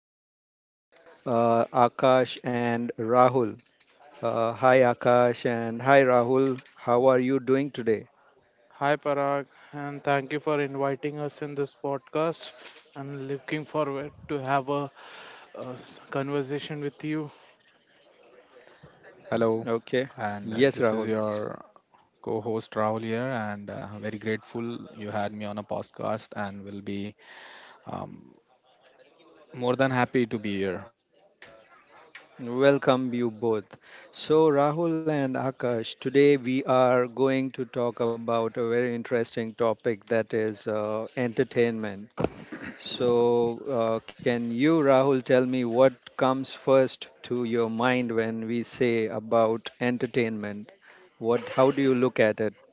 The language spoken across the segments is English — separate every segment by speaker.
Speaker 1: with us, Akash and Rahul. Hi, Akash, and hi, Rahul. How are you doing today?
Speaker 2: Hi Parag, and thank you for inviting us in this podcast. I'm looking forward to have a conversation with you.
Speaker 3: Hello,
Speaker 1: Okay.
Speaker 3: and
Speaker 1: Yes,
Speaker 3: this is
Speaker 1: Rahul.
Speaker 3: your co host Rahul here, and very grateful you had me on a podcast and will be um, more than happy to be here.
Speaker 1: Welcome, you both. So, Rahul and Akash, today we are going to talk about a very interesting topic, that is entertainment. Can you, Rahul, tell me what comes first to your mind when we say about entertainment? How do you look at it?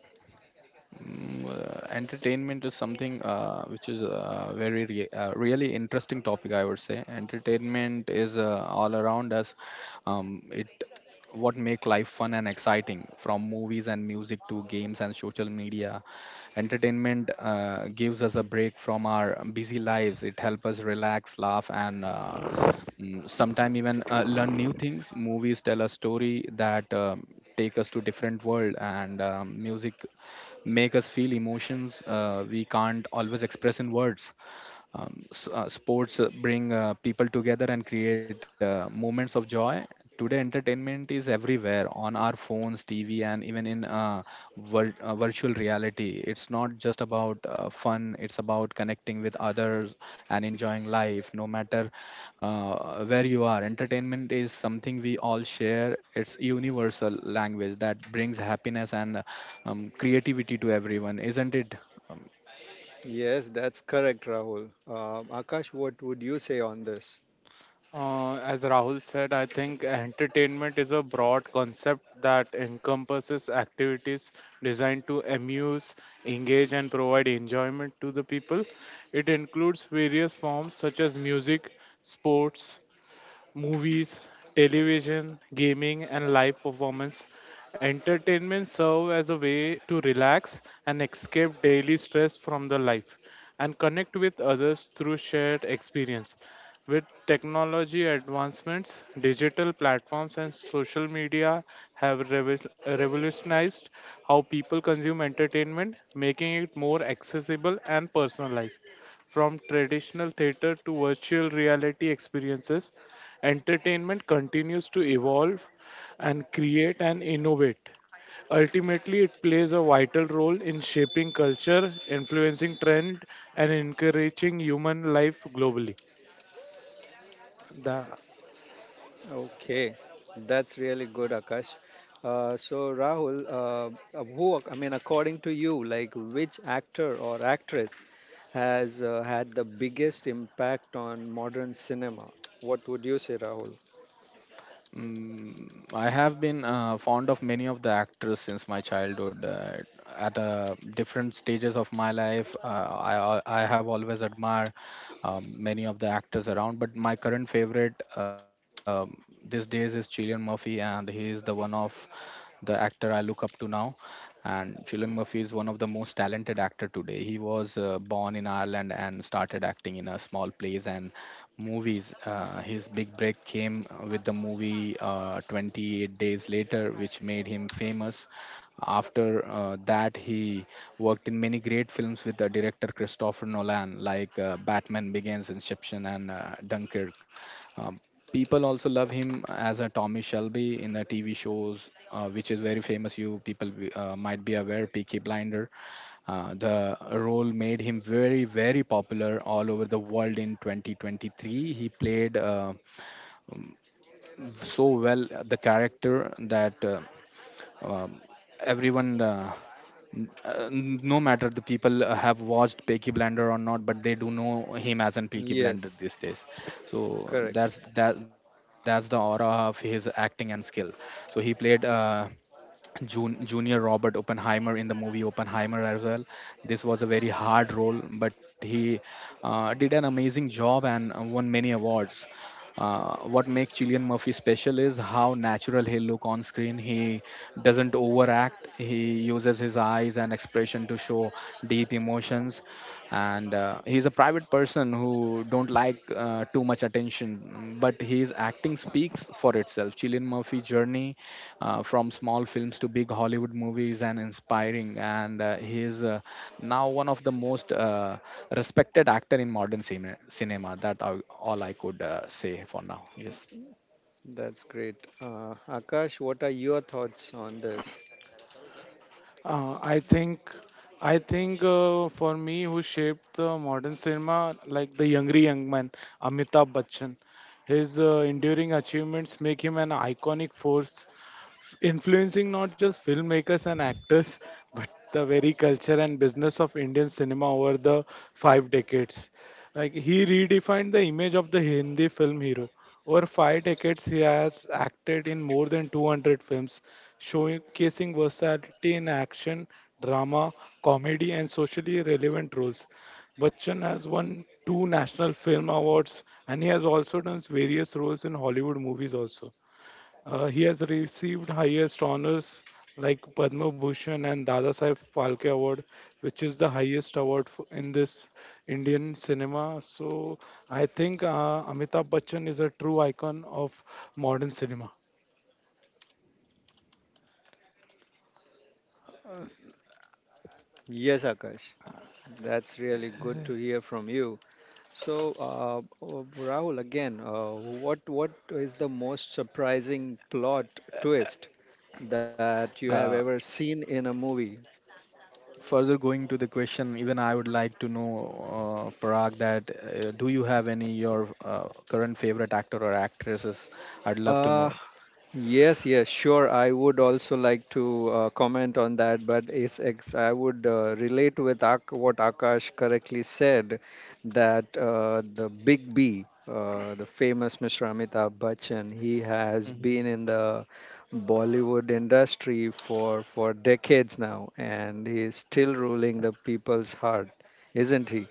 Speaker 3: Entertainment is something which is a really interesting topic, I would say. Entertainment is all around us. It what make life fun and exciting, from movies and music to games and social media. Entertainment gives us a break from our busy lives. It helps us relax, laugh, and sometimes even learn new things. Movies tell a story that take us to different world, and music make us feel emotions we can't always express in words. Sports bring people together and create moments of joy. Today entertainment is everywhere on our phones, tv, and even in virtual reality. It's not just about fun, it's about connecting with others and enjoying life no matter where you are. Entertainment is something we all share, it's universal language that brings happiness and creativity to everyone, isn't it?
Speaker 1: Yes, that's correct, Rahul. Akash, what would you say on this?
Speaker 2: As Rahul said, I think entertainment is a broad concept that encompasses activities designed to amuse, engage, and provide enjoyment to the people. It includes various forms such as music, sports, movies, television, gaming, and live performance. Entertainment serve as a way to relax and escape daily stress from the life and connect with others through shared experience. With technology advancements, digital platforms and social media have revolutionized how people consume entertainment, making it more accessible and personalized from traditional theater to virtual reality experiences. Entertainment continues to evolve and create and innovate. Ultimately, it plays a vital role in shaping culture, influencing trend, and encouraging human life globally. The
Speaker 1: Okay, that's really good, Akash. So, Rahul, I mean, according to you, like which actor or actress has had the biggest impact on modern cinema? What would you say, Rahul?
Speaker 3: Mm, I have been fond of many of the actors since my childhood. At different stages of my life, I have always admired many of the actors around. But my current favorite these days is Cillian Murphy, and he is the one of the actor I look up to now. And Cillian Murphy is one of the most talented actor today. He was born in Ireland and started acting in a small place and movies. His big break came with the movie 28 Days Later, which made him famous. After that, he worked in many great films with the director Christopher Nolan, like Batman Begins, Inception, and Dunkirk. Um, People also love him as a Tommy Shelby in the TV shows, which is very famous. You people might be aware, Peaky Blinder. The role made him very, very popular all over the world in 2023. He played so well the character that um, everyone, uh, no matter the people have watched Peaky Blender or not, but they do know him as an Peaky Blender
Speaker 1: Yes,
Speaker 3: these days. So
Speaker 1: correct.
Speaker 3: that's that's the aura of his acting and skill. So he played. Junior Robert Oppenheimer in the movie Oppenheimer as well. This was a very hard role, but he did an amazing job and won many awards. What makes Cillian Murphy special is how natural he look on screen. He doesn't overact. He uses his eyes and expression to show deep emotions, and he's a private person who don't like too much attention. But his acting speaks for itself. Cillian Murphy journey from small films to big Hollywood movies and inspiring. And he is now one of the most respected actor in modern cinema. That all I could say for now. Yes.
Speaker 1: That's great. Akash, what are your thoughts on this?
Speaker 2: Uh, I think, I think for me, who shaped the modern cinema, like the younger young man, Amitabh Bachchan. His enduring achievements make him an iconic force, influencing not just filmmakers and actors, but the very culture and business of Indian cinema over the 5 decades. Like he redefined the image of the Hindi film hero. Over 5 decades, he has acted in more than 200 films, showcasing versatility in action, drama, comedy, and socially relevant roles. Bachchan has won two National Film Awards and he has also done various roles in Hollywood movies also. He has received highest honors like Padma Bhushan and Dadasaheb Phalke Award, which is the highest award f in this Indian cinema. So I think Amitabh Bachchan is a true icon of modern cinema. Uh,
Speaker 1: Yes, Akash, that's really good to hear from you. So, Rahul, again, what is the most surprising plot twist that you have ever
Speaker 3: Uh,
Speaker 1: seen in a movie?
Speaker 3: Further going to the question, even I would like to know, Parag, that do you have any your current favorite actor or actresses? I'd love to
Speaker 1: Uh,
Speaker 3: know.
Speaker 1: Yes, yes, sure. I would also like to comment on that, but it's ex I would relate with Ak what Akash correctly said, that the Big B, the famous Mr. Amitabh Bachchan, he has been
Speaker 3: Mhm.
Speaker 1: in the Bollywood industry for decades now, and he is still ruling the people's heart, isn't he?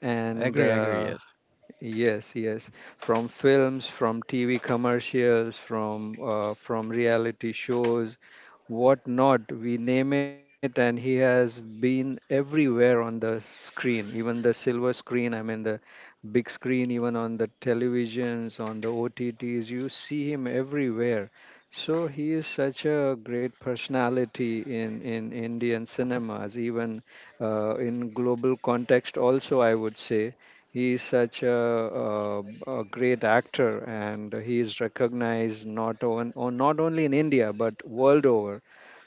Speaker 1: And
Speaker 3: Agree, agree, yes.
Speaker 1: yes, yes. From films, from TV commercials, from reality shows, what not, we name it, and he has been everywhere on the screen, even the silver screen, I mean the big screen, even on the televisions, on the OTTs, you see him everywhere. So he is such a great personality in Indian cinemas, even in global context also, I would say he is such a great actor, and he is recognized not on, on not only in India but world over.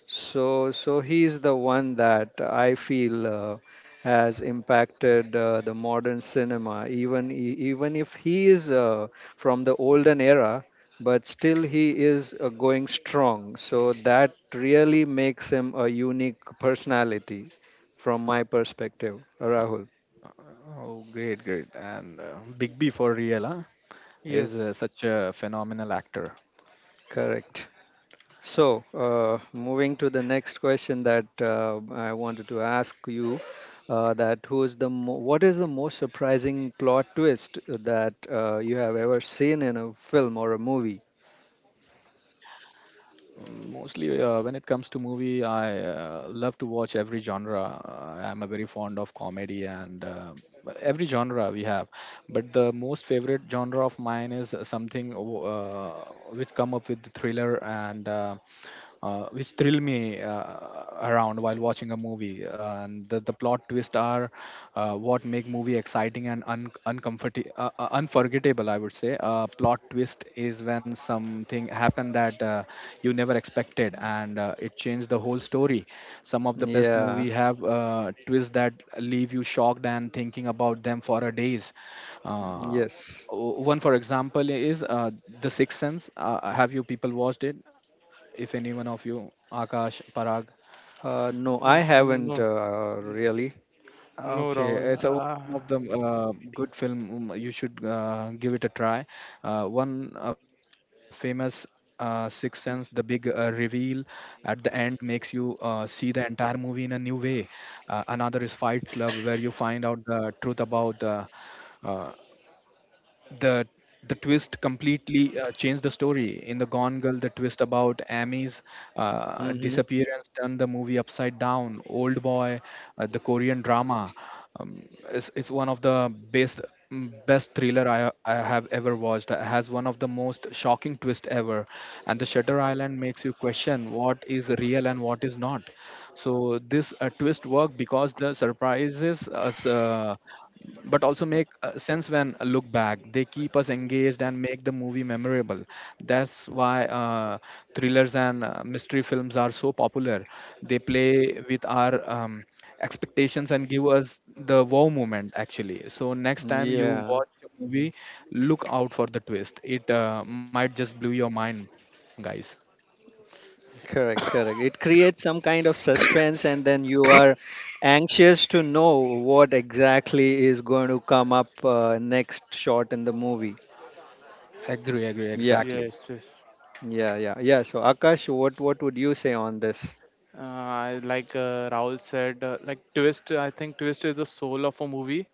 Speaker 1: So he is the one that I feel has impacted the modern cinema. Even even if he is from the olden era, but still he is going strong. So that really makes him a unique personality, from my perspective. Rahul,
Speaker 3: Oh, great, great. And Big B for real, huh? Is
Speaker 2: Yes.
Speaker 3: such a phenomenal actor.
Speaker 1: correct. So, moving to the next question that I wanted to ask you, that who is the mo what is the most surprising plot twist that you have ever seen in a film or a movie?
Speaker 3: Mostly, when it comes to movie, I love to watch every genre. I'm a very fond of comedy and every genre we have. But the most favorite genre of mine is something which come up with thriller and which thrill me around while watching a movie. And the plot twists are what make movie exciting and uncomfortable, unforgettable. I would say plot twist is when something happened that you never expected, and it changed the whole story. Some of the best
Speaker 1: Yeah,
Speaker 3: movie have twists that leave you shocked and thinking about them for a days. Uh,
Speaker 1: yes.
Speaker 3: One for example is the sixth sense, have you people watched it? If any one of you, Akash, Parag.
Speaker 1: No, I
Speaker 2: N- No,
Speaker 1: haven't
Speaker 2: n-
Speaker 1: really.
Speaker 2: no, Rahul.
Speaker 3: Okay, so one of the good film, you should give it a try. One famous Sixth Sense, the big reveal at the end makes you see the entire movie in a new way. Another is Fight Club, where you find out the truth about uh, the the twist completely changed the story. In the Gone Girl, the twist about amy's
Speaker 1: Hmm.
Speaker 3: disappearance turned the movie upside down. Old Boy, the korean drama, is one of the best, best thriller I have ever watched. Has one of the most shocking twist ever. And the Shutter Island makes you question what is real and what is not. So this twist worked because the surprises us, but also make sense when I look back. They keep us engaged and make the movie memorable. That's why thrillers and mystery films are so popular. They play with our expectations and give us the wow moment, actually. So, next time you watch
Speaker 1: Yeah,
Speaker 3: a movie, look out for the twist. It might just blow your mind, guys.
Speaker 1: correct, correct. It creates some kind of suspense, and then you are anxious to know what exactly is going to come up next shot in the movie.
Speaker 3: Agree, agree,
Speaker 1: Yeah.
Speaker 3: exactly.
Speaker 2: Yes, yes.
Speaker 1: Yeah. So Akash, what would you say on this?
Speaker 2: I like Rahul said, like twist. I think twist is the soul of a movie.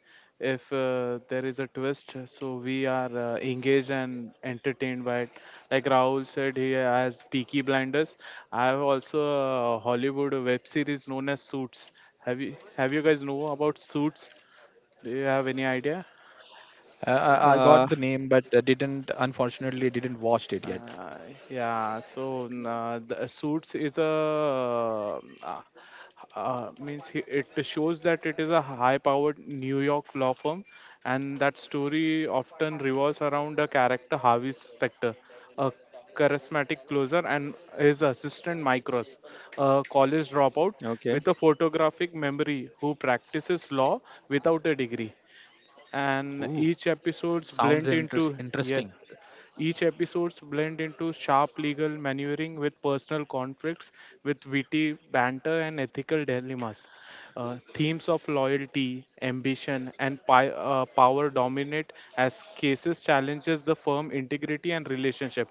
Speaker 2: If there is a twist, so we are engaged and entertained by it. Like Rahul said, he has Peaky Blinders. I have also a Hollywood web series known as Suits. Have you guys know about Suits? Do you have any idea?
Speaker 3: I
Speaker 1: Uh,
Speaker 3: got the name, but didn't unfortunately didn't watch it yet.
Speaker 2: Uh, yeah, so the suits is a uh, means it shows that it is a high-powered New York law firm, and that story often revolves around the character Harvey Specter, a charismatic closer, and his assistant Mike Ross, a college
Speaker 1: okay,
Speaker 2: dropout with a photographic memory who practices law without a degree, and
Speaker 3: Ooh,
Speaker 2: each episodes
Speaker 3: sounds
Speaker 2: blend into yes
Speaker 3: interesting.
Speaker 2: each episodes blend into sharp legal maneuvering with personal conflicts, with witty banter and ethical dilemmas. Themes of loyalty ambition and power dominate as cases challenges the firm integrity and relationship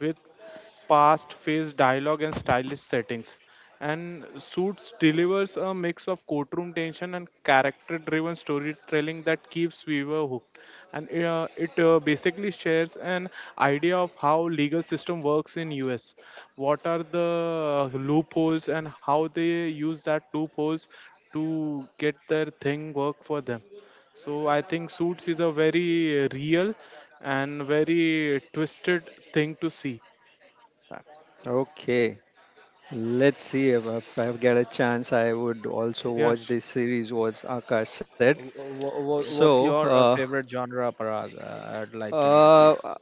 Speaker 2: with past phase dialogue and stylish settings, and Suits delivers a mix of courtroom tension and character driven storytelling that keeps viewer hooked. And it basically shares an idea of how legal system works in US. What are the loopholes and how they use that loopholes to get their thing work for them. So I think Suits is a very real and very twisted thing to see.
Speaker 1: okay. Let's see if I get a chance, I would
Speaker 3: Eh,
Speaker 1: also
Speaker 2: Yeah,
Speaker 1: watch
Speaker 2: sh-
Speaker 1: this series. Was Akash said
Speaker 2: yes.
Speaker 3: What's
Speaker 1: so?
Speaker 3: your favorite genre, Parag? I'd like to know, please.
Speaker 1: Uh,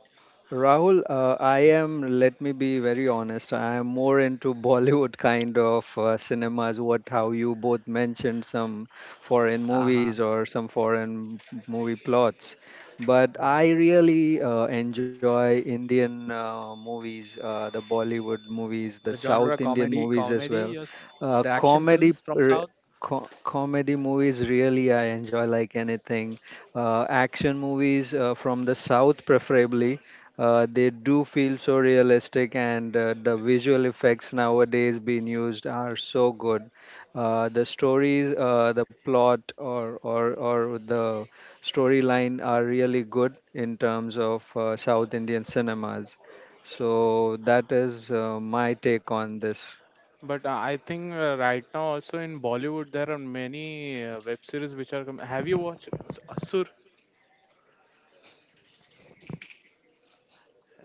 Speaker 1: Rahul, I am, let me be very honest, I am more into Bollywood kind of cinemas, what how you both mentioned some foreign
Speaker 3: Uh-huh.
Speaker 1: movies or some foreign movie plots. But I really enjoy Indian movies, the Bollywood movies, the
Speaker 3: The genre
Speaker 1: South Indian
Speaker 3: comedy,
Speaker 1: movies as
Speaker 3: comedy,
Speaker 1: well.
Speaker 3: yes. The action
Speaker 1: Comedy,
Speaker 3: films from
Speaker 1: r
Speaker 3: South.
Speaker 1: co comedy movies really I enjoy like anything. Action movies from the South preferably they do feel so realistic, and the visual effects nowadays being used are so good. The stories, the plot, or the storyline are really good in terms of South Indian cinemas. So that is my take on this.
Speaker 2: But I think right now also in Bollywood there are many web series which are. Have you watched Asur?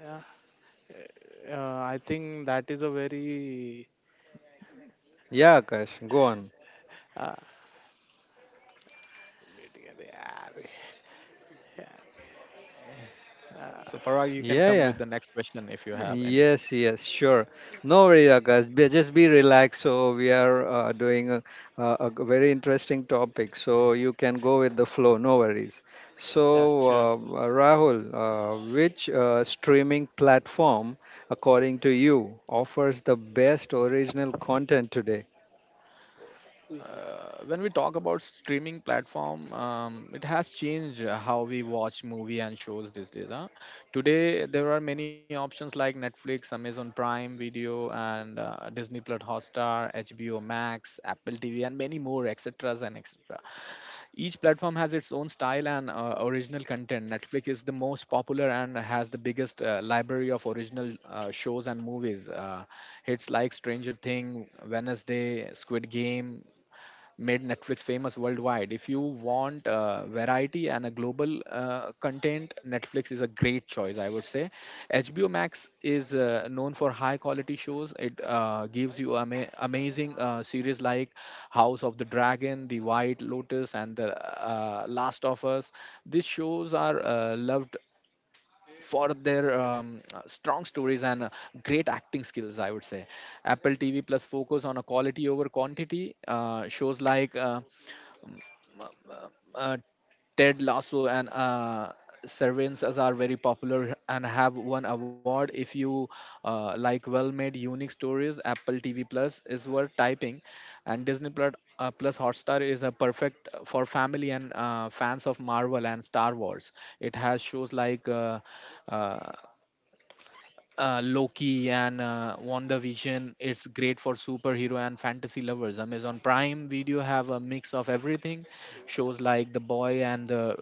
Speaker 2: Yeah. Uh, I think that is a very.
Speaker 1: Yeah, Akash, go on.
Speaker 2: Uh, yeah, yeah, yeah,
Speaker 3: So, Parag, you can
Speaker 1: Yeah,
Speaker 3: come
Speaker 1: yeah.
Speaker 3: with the next question if you have any.
Speaker 1: Yes, yes, sure. No worry, Akash. Just be relaxed. So we are doing a very interesting topic. So you can go with the flow. No worries.
Speaker 2: yeah,
Speaker 1: So
Speaker 2: sure, sure.
Speaker 1: Rahul, which streaming platform, according to you, offers the best original content today?
Speaker 3: When we talk about streaming platform, it has changed how we watch movie and shows these days, huh? Today there are many options like Netflix, Amazon Prime Video, and Disney Plus Hotstar, HBO Max, Apple TV, and many more, etc and etc. Each platform has its own style and original content. Netflix is the most popular and has the biggest library of original shows and movies. Hits like Stranger Thing, Wednesday, Squid Game made Netflix famous worldwide. If you want variety and a global content, Netflix is a great choice, I would say. HBO Max is known for high quality shows. It gives you amazing series like House of the Dragon, The White Lotus, and The Last of Us. These shows are loved for their strong stories and great acting skills, I would say. Apple TV Plus focus on a quality over quantity. Shows like uh, Ted Lasso and Severance are very popular and have won award. If you like well-made, unique stories, Apple TV Plus is worth typing, and Disney Plus, Plus Hotstar is a perfect for family and fans of Marvel and Star Wars. It has shows like uh, Loki and WandaVision. It's great for superhero and fantasy lovers. Amazon Prime Video have a mix of everything. Shows like The Boy and The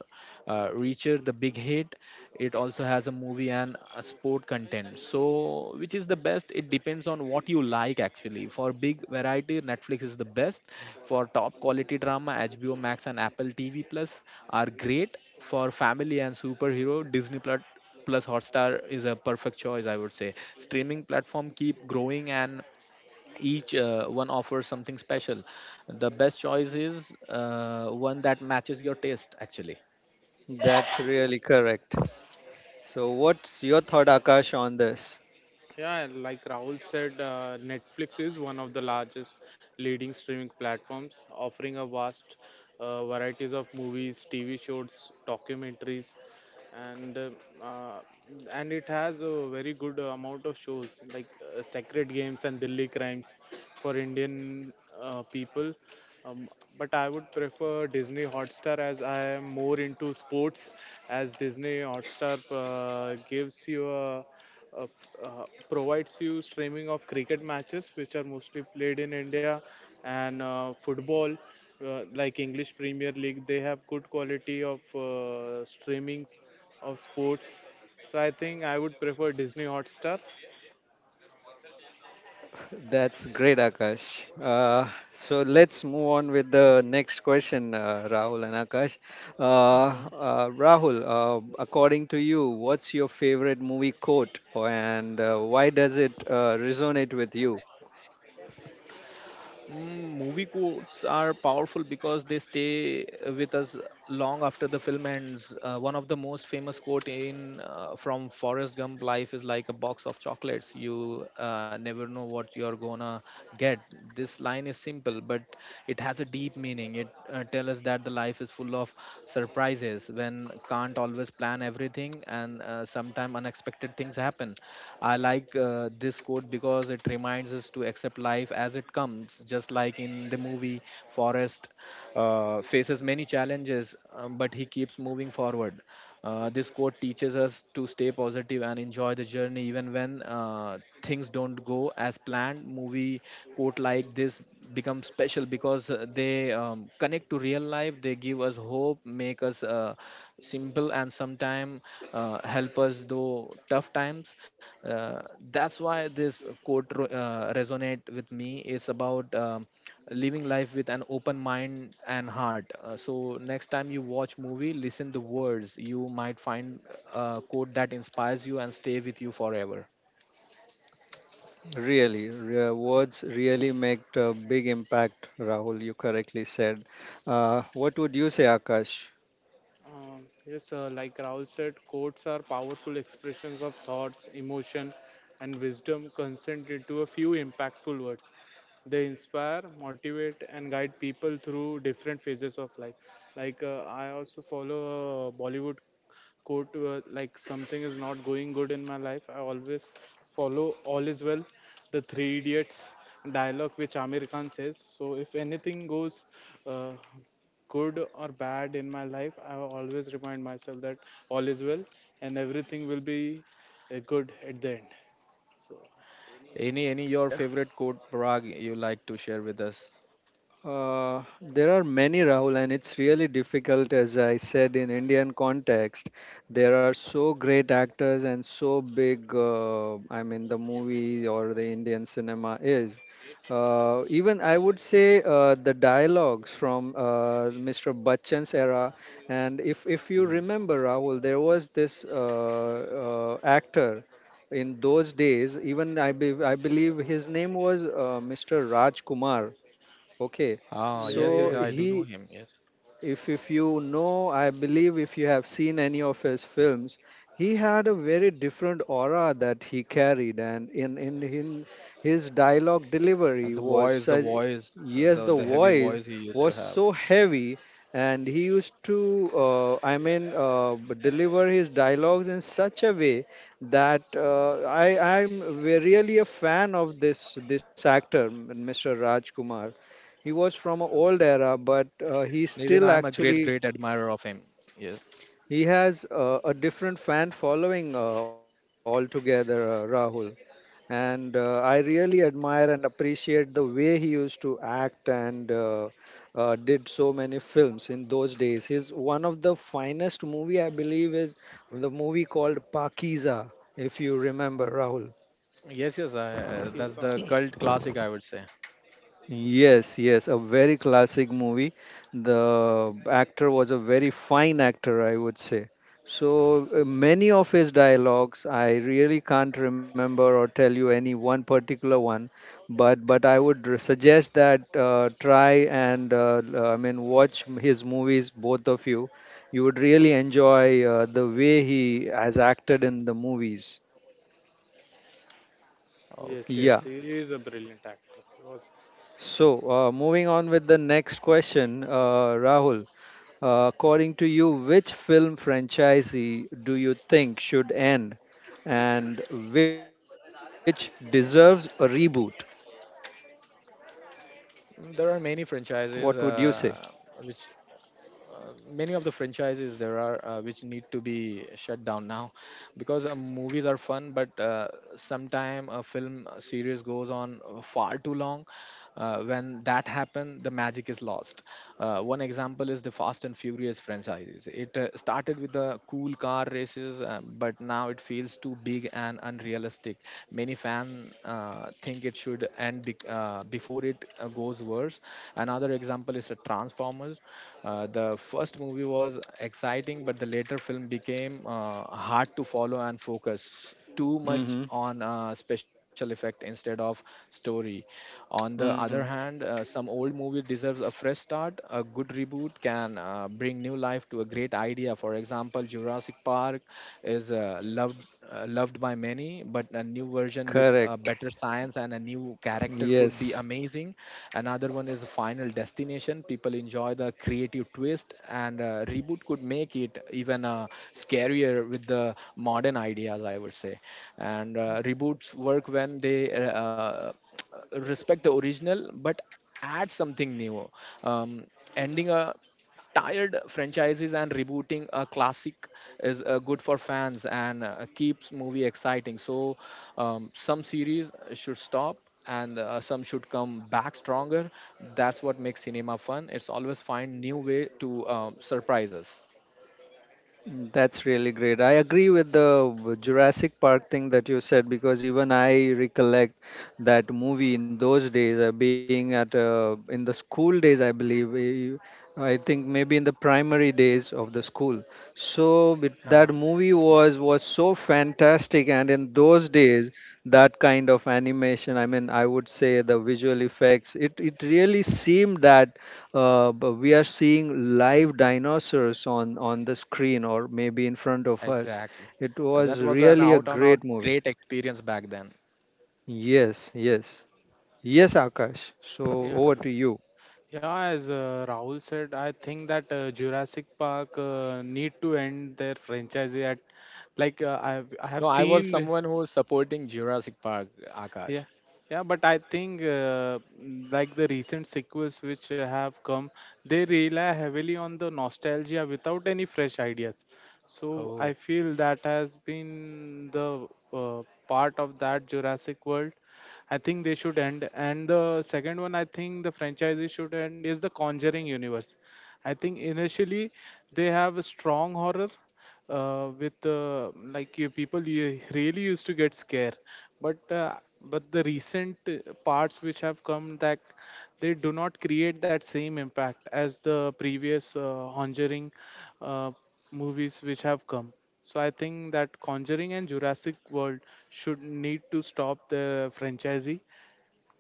Speaker 3: Reacher, The Big Hit. It also has a movie and a sport content. So, which is the best? It depends on what you like actually. For big variety, Netflix is the best. For top quality drama, HBO Max and Apple TV Plus are great. For family and superhero, Disney Plus Plus, Hotstar is a perfect choice, I would say. Streaming platform keep growing and each one offers something special. The best choice is one that matches your taste, actually.
Speaker 1: That's really correct. So what's your thought, Akash, on this?
Speaker 2: Yeah, like Rahul said, Netflix is one of the largest leading streaming platforms, offering a vast varieties of movies, TV shows, documentaries, and uh, uh, and it has a very good amount of shows like Sacred Games and Delhi Crimes for Indian people. Um, but I would prefer Disney Hotstar as I am more into sports, as Disney Hotstar gives you provides you streaming of cricket matches, which are mostly played in India, and football, like English Premier League, they have good quality of streamings of sports. So I think I would prefer Disney Hotstar.
Speaker 1: That's great, Akash. So let's move on with the next question, Rahul and Akash.
Speaker 3: Mhm.
Speaker 1: Rahul, according to you, what's your favorite movie quote, and why does it resonate with you?
Speaker 3: Movie quotes are powerful because they stay with us long after the film ends. One of the most famous quote in from Forrest Gump: "Life is like a box of chocolates. You never know what you're gonna get." This line is simple, but it has a deep meaning. It tells us that the life is full of surprises. When can't always plan everything, and sometimes unexpected things happen. I like this quote because it reminds us to accept life as it comes, just like in the movie Forrest faces many challenges, but he keeps moving forward. This quote teaches us to stay positive and enjoy the journey even when things don't go as planned. Movie quote like this become special because they connect to real life. They give us hope, make us simple, and sometimes help us through tough times. Uh, that's why this quote resonate with me. It's about living life with an open mind and heart. So next time you watch movie listen the words, you might find a quote that inspires you and stay with you forever.
Speaker 1: Words really make a big impact, Rahul. You correctly said. What would you say, Akash?
Speaker 2: Yes, like Raul said, quotes are powerful expressions of thoughts, emotion, and wisdom condensed into a few impactful words. They inspire, motivate, and guide people through different phases of life. Like I also follow a Bollywood quote, like something is not going good in my life. I always follow "All is well," the Three Idiots dialogue which Amir Khan says. So if anything goes. Uh, good or bad in my life, I always remind myself that all is well and everything will be good at the end. So,
Speaker 3: Any your favorite quote, Parag, you like to share with us?
Speaker 1: There are many, Rahul, and it's really difficult, as I said, in Indian context. There are so great actors and so big, I mean, the movie or the Indian cinema is. Even I would say the dialogues from Mr. Bachchan's era, and if you
Speaker 3: Ooh.
Speaker 1: remember, Rahul, there was this actor in those days. Even I believe his name was Mr. Raj Kumar. Okay,
Speaker 3: Ah,
Speaker 2: yeah,
Speaker 3: yes, yes,
Speaker 1: so
Speaker 3: I
Speaker 2: yes,
Speaker 3: do know
Speaker 1: he,
Speaker 2: yes.
Speaker 3: him. Yes,
Speaker 1: if you know, I believe if you have seen any of his films, he had a very different aura that he carried, and in his dialogue
Speaker 3: and
Speaker 1: delivery was
Speaker 3: the
Speaker 1: such,
Speaker 3: voice, uh,
Speaker 1: yes,
Speaker 3: the
Speaker 1: the
Speaker 3: the heavy
Speaker 1: voice
Speaker 3: voice he used
Speaker 1: was
Speaker 3: to have.
Speaker 1: so heavy, and he used to, I mean, deliver his dialogues in such a way that really a fan of this actor, Mr. Rajkumar. He was from an old era, but he
Speaker 3: Even I am
Speaker 1: still
Speaker 3: a great, great
Speaker 1: actually
Speaker 3: admirer of him. Yes,
Speaker 1: he has a different fan following altogether, Rahul. And I really admire and appreciate the way he used to act and did so many films in those days. His one of the finest movie I believe is the movie called Pakiza, if you remember, Rahul.
Speaker 3: yes, yes.
Speaker 2: uh, he's,
Speaker 3: That's
Speaker 2: uh,
Speaker 3: the cult classic, I would say.
Speaker 1: Yes, yes, a very classic movie. The actor was a very fine actor, I would say. So many of his dialogues, I really can't remember or tell you any one particular one, but I would suggest that try and I mean watch his movies, both of you. You would really enjoy the way he has acted in the movies.
Speaker 3: Okay.
Speaker 2: yes, yes,
Speaker 1: Yeah.
Speaker 2: he is a brilliant actor. He was
Speaker 1: So moving on with the next question, Rahul. According to you, which film franchisee do you think should end and which deserves a reboot?
Speaker 3: There are many franchises
Speaker 1: What would
Speaker 3: which
Speaker 1: you say?
Speaker 3: many of the franchises there are which need to be shut down now because movies are fun but sometime a film series goes on far too long. When that happens, the magic is lost. One example is the Fast and Furious franchises. It started with the cool car races, but now it feels too big and unrealistic. Many fans think it should end before it goes worse. Another example is the Transformers. The first movie was exciting, but the later film became hard to follow and focus too much on
Speaker 1: Mm-hmm.
Speaker 3: special effect instead of story. On the other
Speaker 1: Mm.
Speaker 3: hand, some old movie deserves a fresh start. A good reboot can bring new life to a great idea. For example, Jurassic Park is loved by many, but a new version with
Speaker 1: Correct.
Speaker 3: better science and a new character could be
Speaker 1: Yes.
Speaker 3: amazing. Another one is Final Destination. People enjoy the creative twist, and reboot could make it even scarier with the modern ideas, I would say. And reboots work when they respect the original, but add something new. Um, Ending a tired franchises and rebooting a classic is good for fans and keeps movie exciting. So some series should stop, and some should come back stronger. That's what makes cinema fun. It's always find new way to surprise us.
Speaker 1: Mm, that's really great. I agree with the Jurassic Park thing that you said, because even I recollect that movie in those days, being at in the school days, I believe. I think maybe in the primary days of the school. So it,
Speaker 3: uh
Speaker 1: that movie was so fantastic, and in those days, that kind of animation, I mean, I would say the visual effects, it really seemed that but we are seeing live dinosaurs on the screen or maybe in front of us.
Speaker 3: exactly.
Speaker 1: It was
Speaker 3: That was an
Speaker 1: really a
Speaker 3: out on out
Speaker 1: great movie.
Speaker 3: great experience back then.
Speaker 1: Yes, yes, yes, Akash. So
Speaker 2: yeah.
Speaker 1: over to you.
Speaker 2: Yeah, as Rahul said, I think that Jurassic Park need to end their franchise at like I have
Speaker 3: No, I was
Speaker 2: seen
Speaker 3: someone who was supporting Jurassic Park,
Speaker 2: yeah,
Speaker 3: Akash.
Speaker 2: yeah, but I think like the recent sequels which have come, they rely heavily on the nostalgia without any fresh ideas. So I
Speaker 3: Oh.
Speaker 2: feel that has been the part of that Jurassic World. I think they should end. And the second one, I think the franchise should end is the Conjuring universe. I think initially they have a strong horror with like you people you really used to get scare, but uh, but the recent parts which have come that they do not create that same impact as the previous conjuring uh, movies which have come. So I think that conjuring and jurassic world should need to stop the franchisee,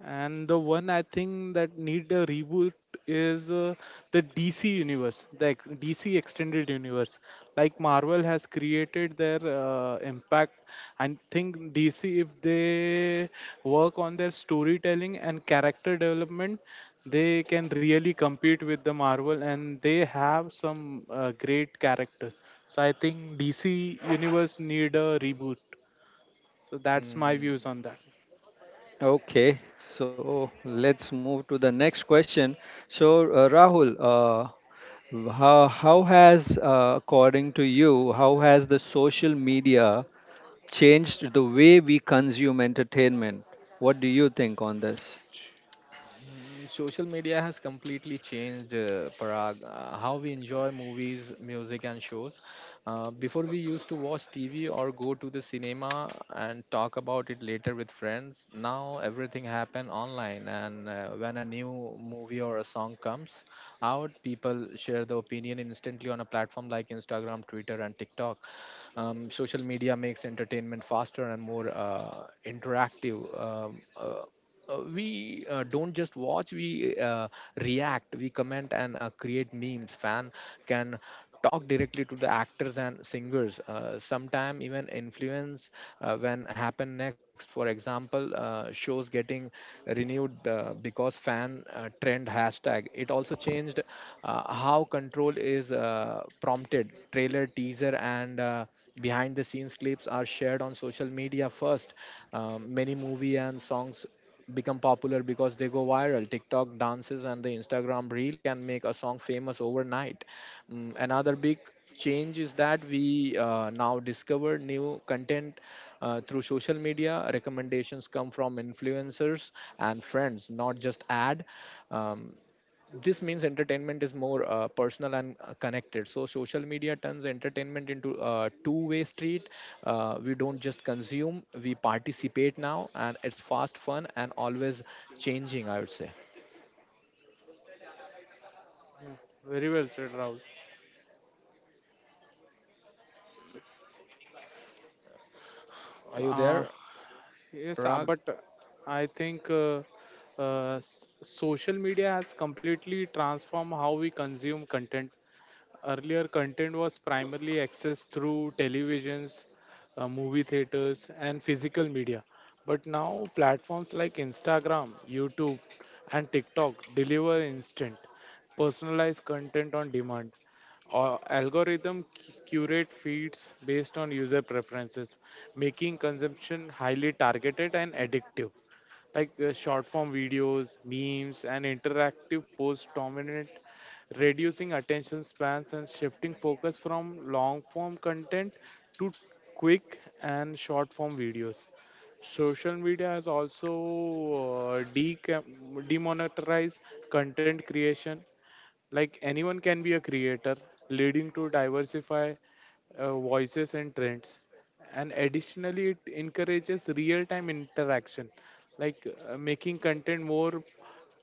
Speaker 2: and the one I think that need a reboot is the DC universe, the DC extended universe. Like Marvel has created their impact. I think DC, if they work on their storytelling and character development, they can really compete with the Marvel, and they have some great characters. So I think DC universe need a reboot. So that's my
Speaker 3: Mm.
Speaker 2: views on that.
Speaker 1: Okay, so let's move to the next question. So Rahul, how has according to you, how has the social media changed the way we consume entertainment? What do you think on this?
Speaker 3: Social media has completely changed, Parag, how we enjoy movies, music, and shows. Before, we used to watch TV or go to the cinema and talk about it later with friends. Now, everything happen online, and when a new movie or a song comes out, people share the opinion instantly on a platform like Instagram, Twitter, and TikTok. Social media makes entertainment faster and more interactive. We don't just watch, we react, we comment, and create memes. Fan can talk directly to the actors and singers, sometime even influence when happen next. For example, shows getting renewed because fan trend hashtag. It also changed how control is prompted. Trailer, teaser, and behind the scenes clips are shared on social media first. Many movie and songs become popular because they go viral. TikTok dances and the Instagram reel can make a song famous overnight. Another big change is that we now discover new content through social media. Recommendations come from influencers and friends, not just ad. um, this means entertainment is more personal and connected. So social media turns entertainment into a two-way street. We don't just consume, we participate now, and it's fast, fun, and always changing, I would say.
Speaker 2: Yeah. Very well said, Rahul.
Speaker 3: Are you
Speaker 2: Uh,
Speaker 3: there, Parag?
Speaker 2: yes, but I think s- social media has completely transformed how we consume content. Earlier, content was primarily accessed through televisions, movie theaters, and physical media. But now, platforms like Instagram, YouTube, and TikTok deliver instant, personalized content on demand. Algorithm curate feeds based on user preferences, making consumption highly targeted and addictive, like short form videos, memes, and interactive posts dominate, reducing attention spans and shifting focus from long form content to quick and short form videos. Social media has also demonetized content creation, like anyone can be a creator, leading to diversify voices and trends, and additionally it encourages real time interaction, like making content more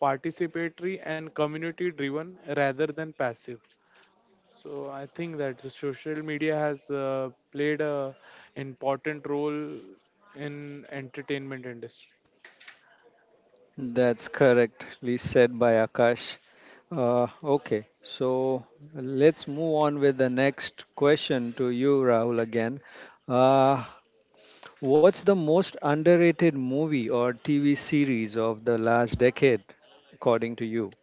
Speaker 2: participatory and community driven rather than passive. So I think that the social media has played a important role in entertainment industry.
Speaker 1: That's correctly said by Akash. Okay, so let's move on with the next question to you, Rahul, again. Uh, what's the most underrated movie or TV series of the last decade, according to you?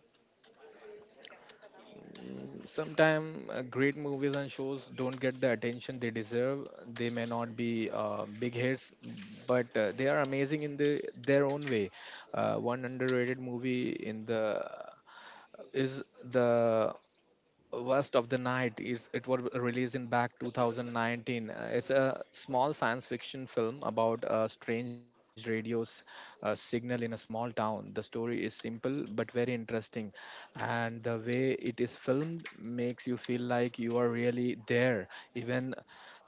Speaker 3: Sometimes great movies and shows don't get the attention they deserve. They may not be big hits, but they are amazing in their own way. One underrated movie in the is the Worst of the Night. Is it was released in back 2019. It's a small science fiction film about a strange radio's signal in a small town. The story is simple but very interesting, and the way it is filmed makes you feel like you are really there, even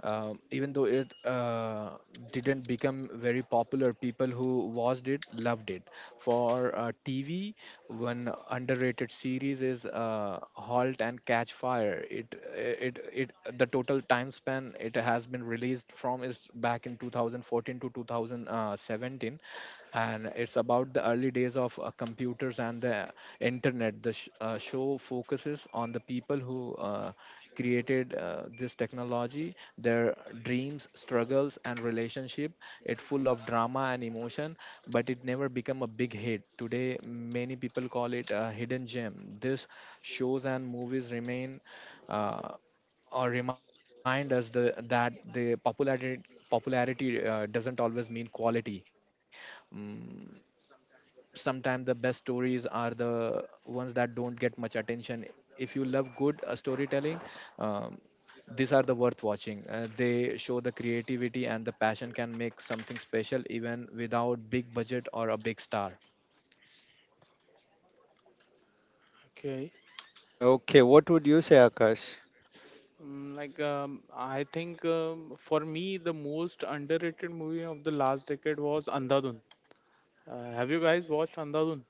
Speaker 3: even though it didn't become very popular, people who watched it loved it. For TV, one underrated series is *Halt and Catch Fire*. It, it, the total time span it has been released from is back in 2014 to 2017, and it's about the early days of computers and the internet. The show focuses on the people who created this technology, their dreams, struggles, and relationship. It full of drama and emotion, but it never become a big hit. Today many people call it a hidden gem. This shows and movies remain uh, or remind us that the popularity doesn't always mean quality. Mm, Sometimes the best stories are the ones that don't get much attention. If you love good storytelling, um, these are the worth watching. They show the creativity and the passion can make something special even without big budget or a big star.
Speaker 2: Okay.
Speaker 1: Okay, what would you say, Akash?
Speaker 2: Mm, Like, I think for me, the most underrated movie of the last decade was Andhadhun. Have you guys watched Andhadhun?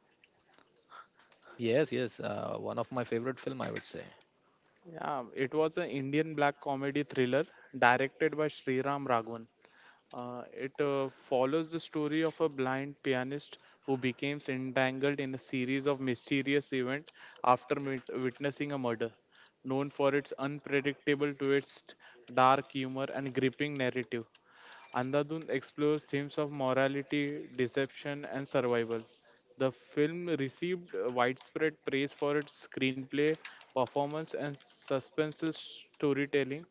Speaker 3: Yes, yes, one of my favorite film, I would say.
Speaker 2: Yeah, it was an Indian black comedy thriller directed by Sriram Raghavan. It follows the story of a blind pianist who becomes entangled in a series of mysterious events after witnessing a murder. Known for its unpredictable twist, dark humor, and gripping narrative, Andhadhun explores themes of morality, deception, and survival. The film received widespread praise for its screenplay, performance, and suspense storytelling.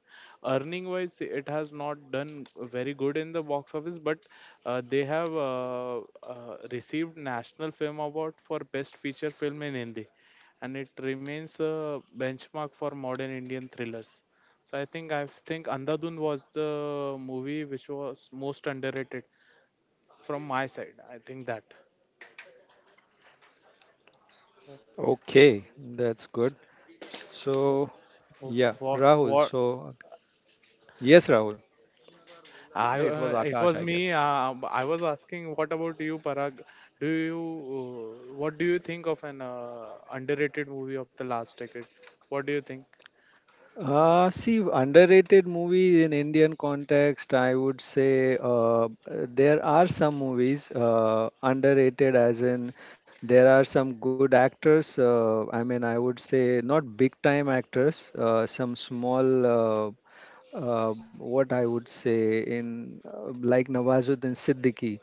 Speaker 2: Earning wise, it has not done very good in the box office, but they have received National Film Award for Best Feature Film in Hindi, and it remains a benchmark for modern Indian thrillers. So I think Andhadhun was the movie which was most underrated from my side. I think that.
Speaker 1: Okay, that's good. So, yeah,
Speaker 2: What?
Speaker 1: Rahul.
Speaker 2: What
Speaker 1: So, yes, Rahul.
Speaker 2: I
Speaker 3: No, it was
Speaker 2: it
Speaker 3: Akash,
Speaker 2: was
Speaker 3: I
Speaker 2: me.
Speaker 3: guess.
Speaker 2: I was asking, what about you, Parag? Do you what do you think of an underrated movie of the last decade? What do you think?
Speaker 1: See, underrated movies in Indian context, I would say there are some movies underrated, as in there are some good actors. I mean, I would say not big time actors, some small, what I would say, in like Nawazuddin Siddiqui.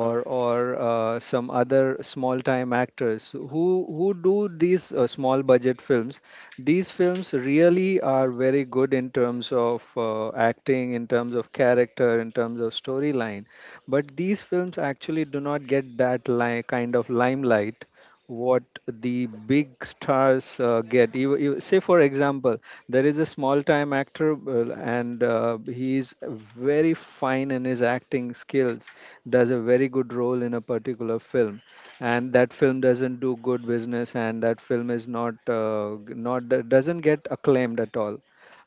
Speaker 2: Uh,
Speaker 1: or some other small time actors who do these small budget films. These films really are very good in terms of acting, in terms of character, in terms of storyline. But these films actually do not get that kind of limelight what the big stars get. Say, for example, there is a small time actor, and he is very fine in his acting skills, does a very good role in a particular film, and that film doesn't do good business, and that film is not doesn't get acclaimed at all,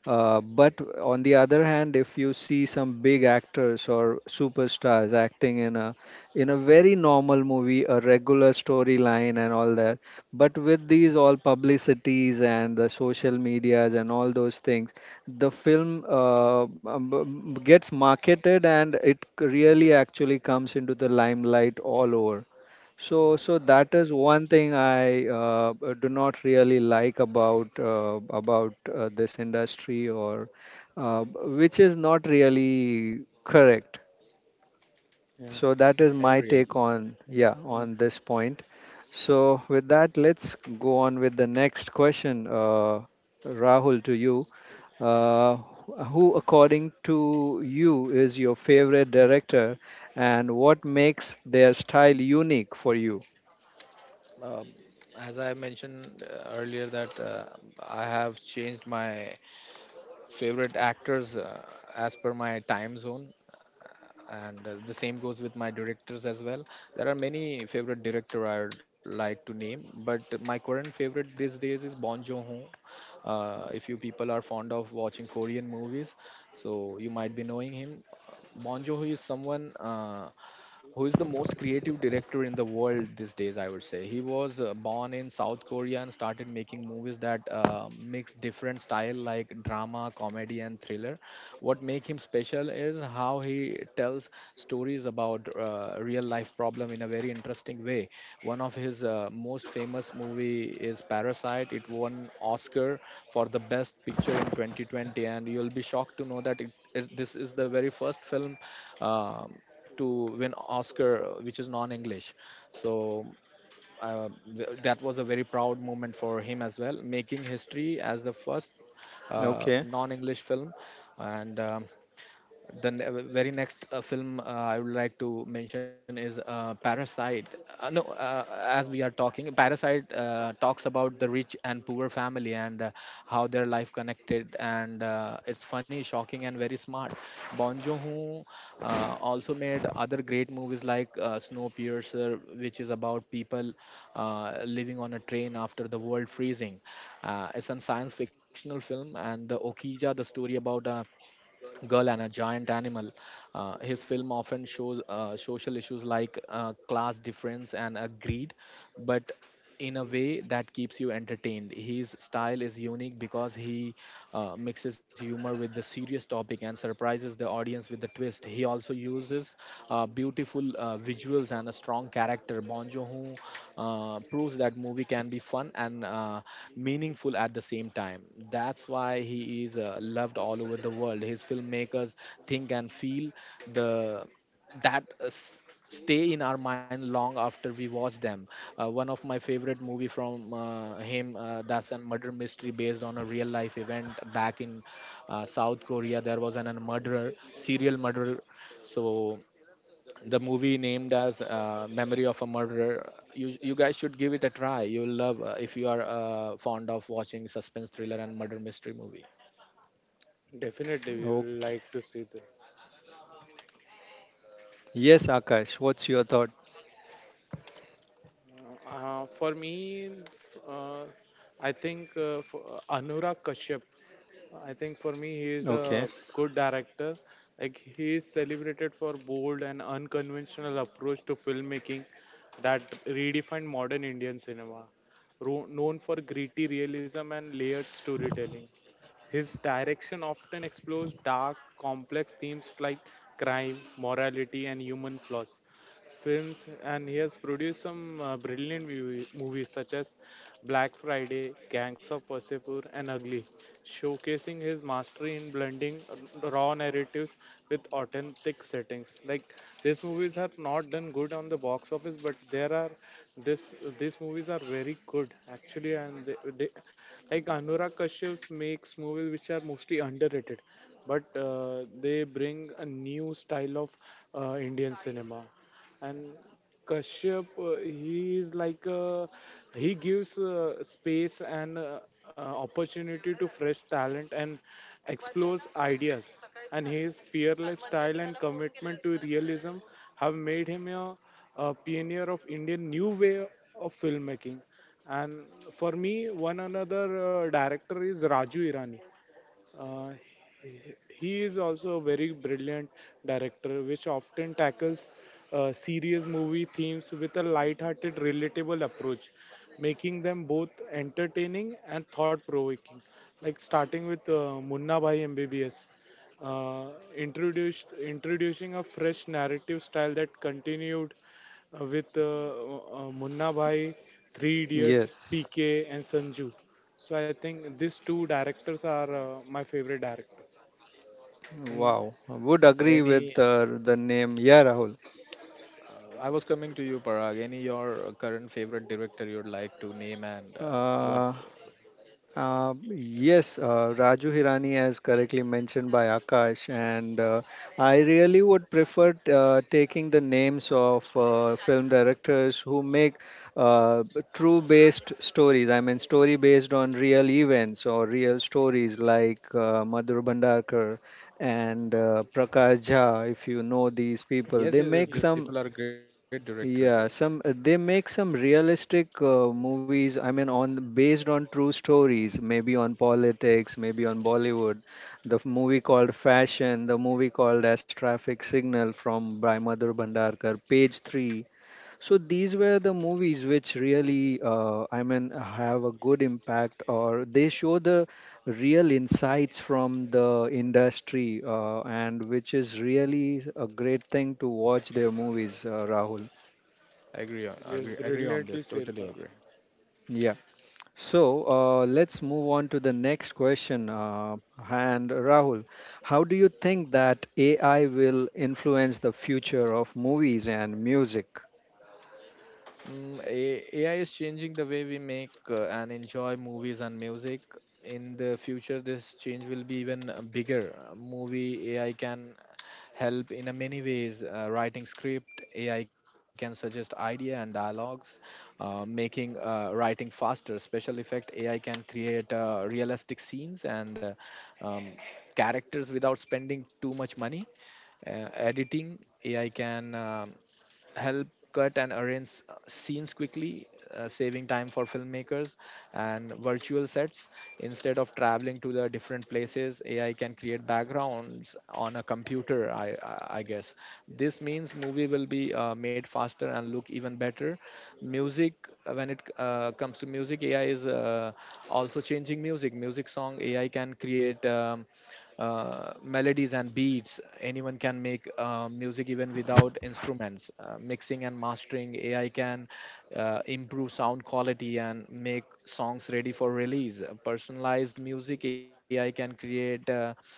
Speaker 1: but on the other hand, if you see some big actors or superstars acting in a very normal movie, a regular storyline and all that, but with these all publicities and the social medias and all those things, the film gets marketed, and it really actually comes into the limelight all over. So that is one thing I do not really like about this industry, or uh, b- which is not really correct.
Speaker 2: yeah,
Speaker 1: So that
Speaker 3: I
Speaker 1: is my
Speaker 3: agree. I agree.
Speaker 1: take on yeah
Speaker 2: yeah,
Speaker 1: on this point. So with that, let's go on with the next question, Rahul, to you. Uh, who, according to you, is your favorite director, and what makes their style unique for you?
Speaker 3: Um, as I mentioned earlier, that I have changed my favorite actors as per my time zone, and the same goes with my directors as well. There are many favorite director I would like to name, but my current favorite these days is Bon Joon-ho. Uh, if you people are fond of watching Korean movies, so you might be knowing him. Bon Joon-ho is someone who is the most creative director in the world these days, I would say. He was born in South Korea and started making movies that mix different style like drama, comedy, and thriller. What make him special is how he tells stories about real life problem in a very interesting way. One of his most famous movie is Parasite. It won Oscar for the best picture in 2020, and you'll be shocked to know that this is the very first film um, to win Oscar, which is non-English. So uh, that was a very proud moment for him as well, making history as the first
Speaker 1: Okay.
Speaker 3: non-English film. And very next film I would like to mention is Parasite. No, as we are talking, Parasite talks about the rich and poor family, and how their life connected, and it's funny, shocking, and very smart. Bon Joon-ho uh, also made other great movies like Snowpiercer, which is about people living on a train after the world freezing. It's a science fictional film, and the Okija, the story about Girl and a Giant Animal. His film often shows social issues like class difference and greed, but in a way that keeps you entertained. His style is unique because he mixes humor with the serious topic and surprises the audience with the twist. He also uses beautiful visuals and a strong character. Bon Joon-ho proves that movie can be fun and meaningful at the same time. That's why he is loved all over the world. His filmmakers think and feel the that uh, s- stay in our mind long after we watch them. Uh, one of my favorite movie from him, that's a murder mystery based on a real life event back in South Korea. There was a murderer, serial murderer. So the movie named as Memory of a Murderer. You guys should give it a try. You'll love if you are fond of watching suspense thriller and murder mystery movie.
Speaker 2: definitely we will
Speaker 1: Okay.
Speaker 2: like to see this.
Speaker 1: Yes, Akash, what's your thought?
Speaker 2: For me, f- I think for, Anurag Kashyap, I think for me, he is
Speaker 1: Okay.
Speaker 2: a good director. Like he is celebrated for bold and unconventional approach to filmmaking that redefined modern Indian cinema. Known for gritty realism and layered storytelling, his direction often explores dark, complex themes like crime, morality, and human flaws films, and he has produced some brilliant movies such as Black Friday, Gangs of Wasseypur, and Ugly, showcasing his mastery in blending raw narratives with authentic settings. Like these movies are not done good on the box office, but there are this these movies are very good actually, and they like Anurag Kashyap makes movies which are mostly underrated, but they bring a new style of Indian cinema. And Kashyap, he is he gives space and opportunity to fresh talent and explores ideas, and his fearless style and commitment to realism have made him a pioneer of Indian new way of filmmaking. And for me, one another director is Raju Irani. uh, he is also a very brilliant director, which often tackles serious movie themes with a light-hearted, relatable approach, making them both entertaining and thought-provoking. Like, starting with Munna Bhai MBBS, uh, introduced introducing a fresh narrative style that continued with Munna Bhai, Three Idiots,
Speaker 1: Yes.
Speaker 2: PK, and Sanju. So I think these two directors are my favorite directors. And
Speaker 1: Wow. I would agree
Speaker 3: Any,
Speaker 1: with the name. Yeah, Rahul.
Speaker 3: I was coming to you, Parag. Any your current favorite director you'd like to name and what?
Speaker 1: Uh, yes, Raju Hirani, as correctly mentioned by Akash, and I really would prefer taking the names of film directors who make uh, true based stories. I mean, story based on real events or real stories, like Madhur Bhandarkar and
Speaker 3: No.
Speaker 1: Prakash Jha. If you know these people,
Speaker 3: Yes,
Speaker 1: they
Speaker 3: yes, yes.
Speaker 1: make
Speaker 2: ju-
Speaker 3: These
Speaker 1: some
Speaker 3: people are great directors. Yes,
Speaker 1: yeah, some they make some realistic movies. I mean, on based on true stories, maybe on politics, maybe on Bollywood. Movie called Fashion, the movie called As Traffic Signal from by Madhur Bhandarkar, Page Three. So these were the movies which really, I mean, have a good impact, or they show the real insights from the industry, and which is really a great thing to watch their movies, Rahul.
Speaker 3: I agree.
Speaker 2: just
Speaker 3: Agree. Agree on this.
Speaker 2: brilliantly said,
Speaker 3: Totally
Speaker 2: Parag.
Speaker 3: agree.
Speaker 1: Yeah. So let's move on to the next question. And Rahul, how do you think that AI will influence the future of movies and music?
Speaker 3: AI is changing the way we make and enjoy movies and music. In the future, this change will be even bigger. Movie AI can help in a many ways. Writing script, AI can suggest idea and dialogues. Making writing faster, special effect AI can create realistic scenes and um, characters without spending too much money. Editing AI can help cut and arrange scenes quickly, saving time for filmmakers and virtual sets. Instead of traveling to the different places, AI can create backgrounds on a computer, I guess. This means movie will be made faster and look even better. Music, when it comes to music, AI is also changing music. Music song, AI can create. Melodies and beats. Anyone can make music even without instruments. Mixing and mastering AI can improve sound quality and make songs ready for release. Personalized music AI can create uh,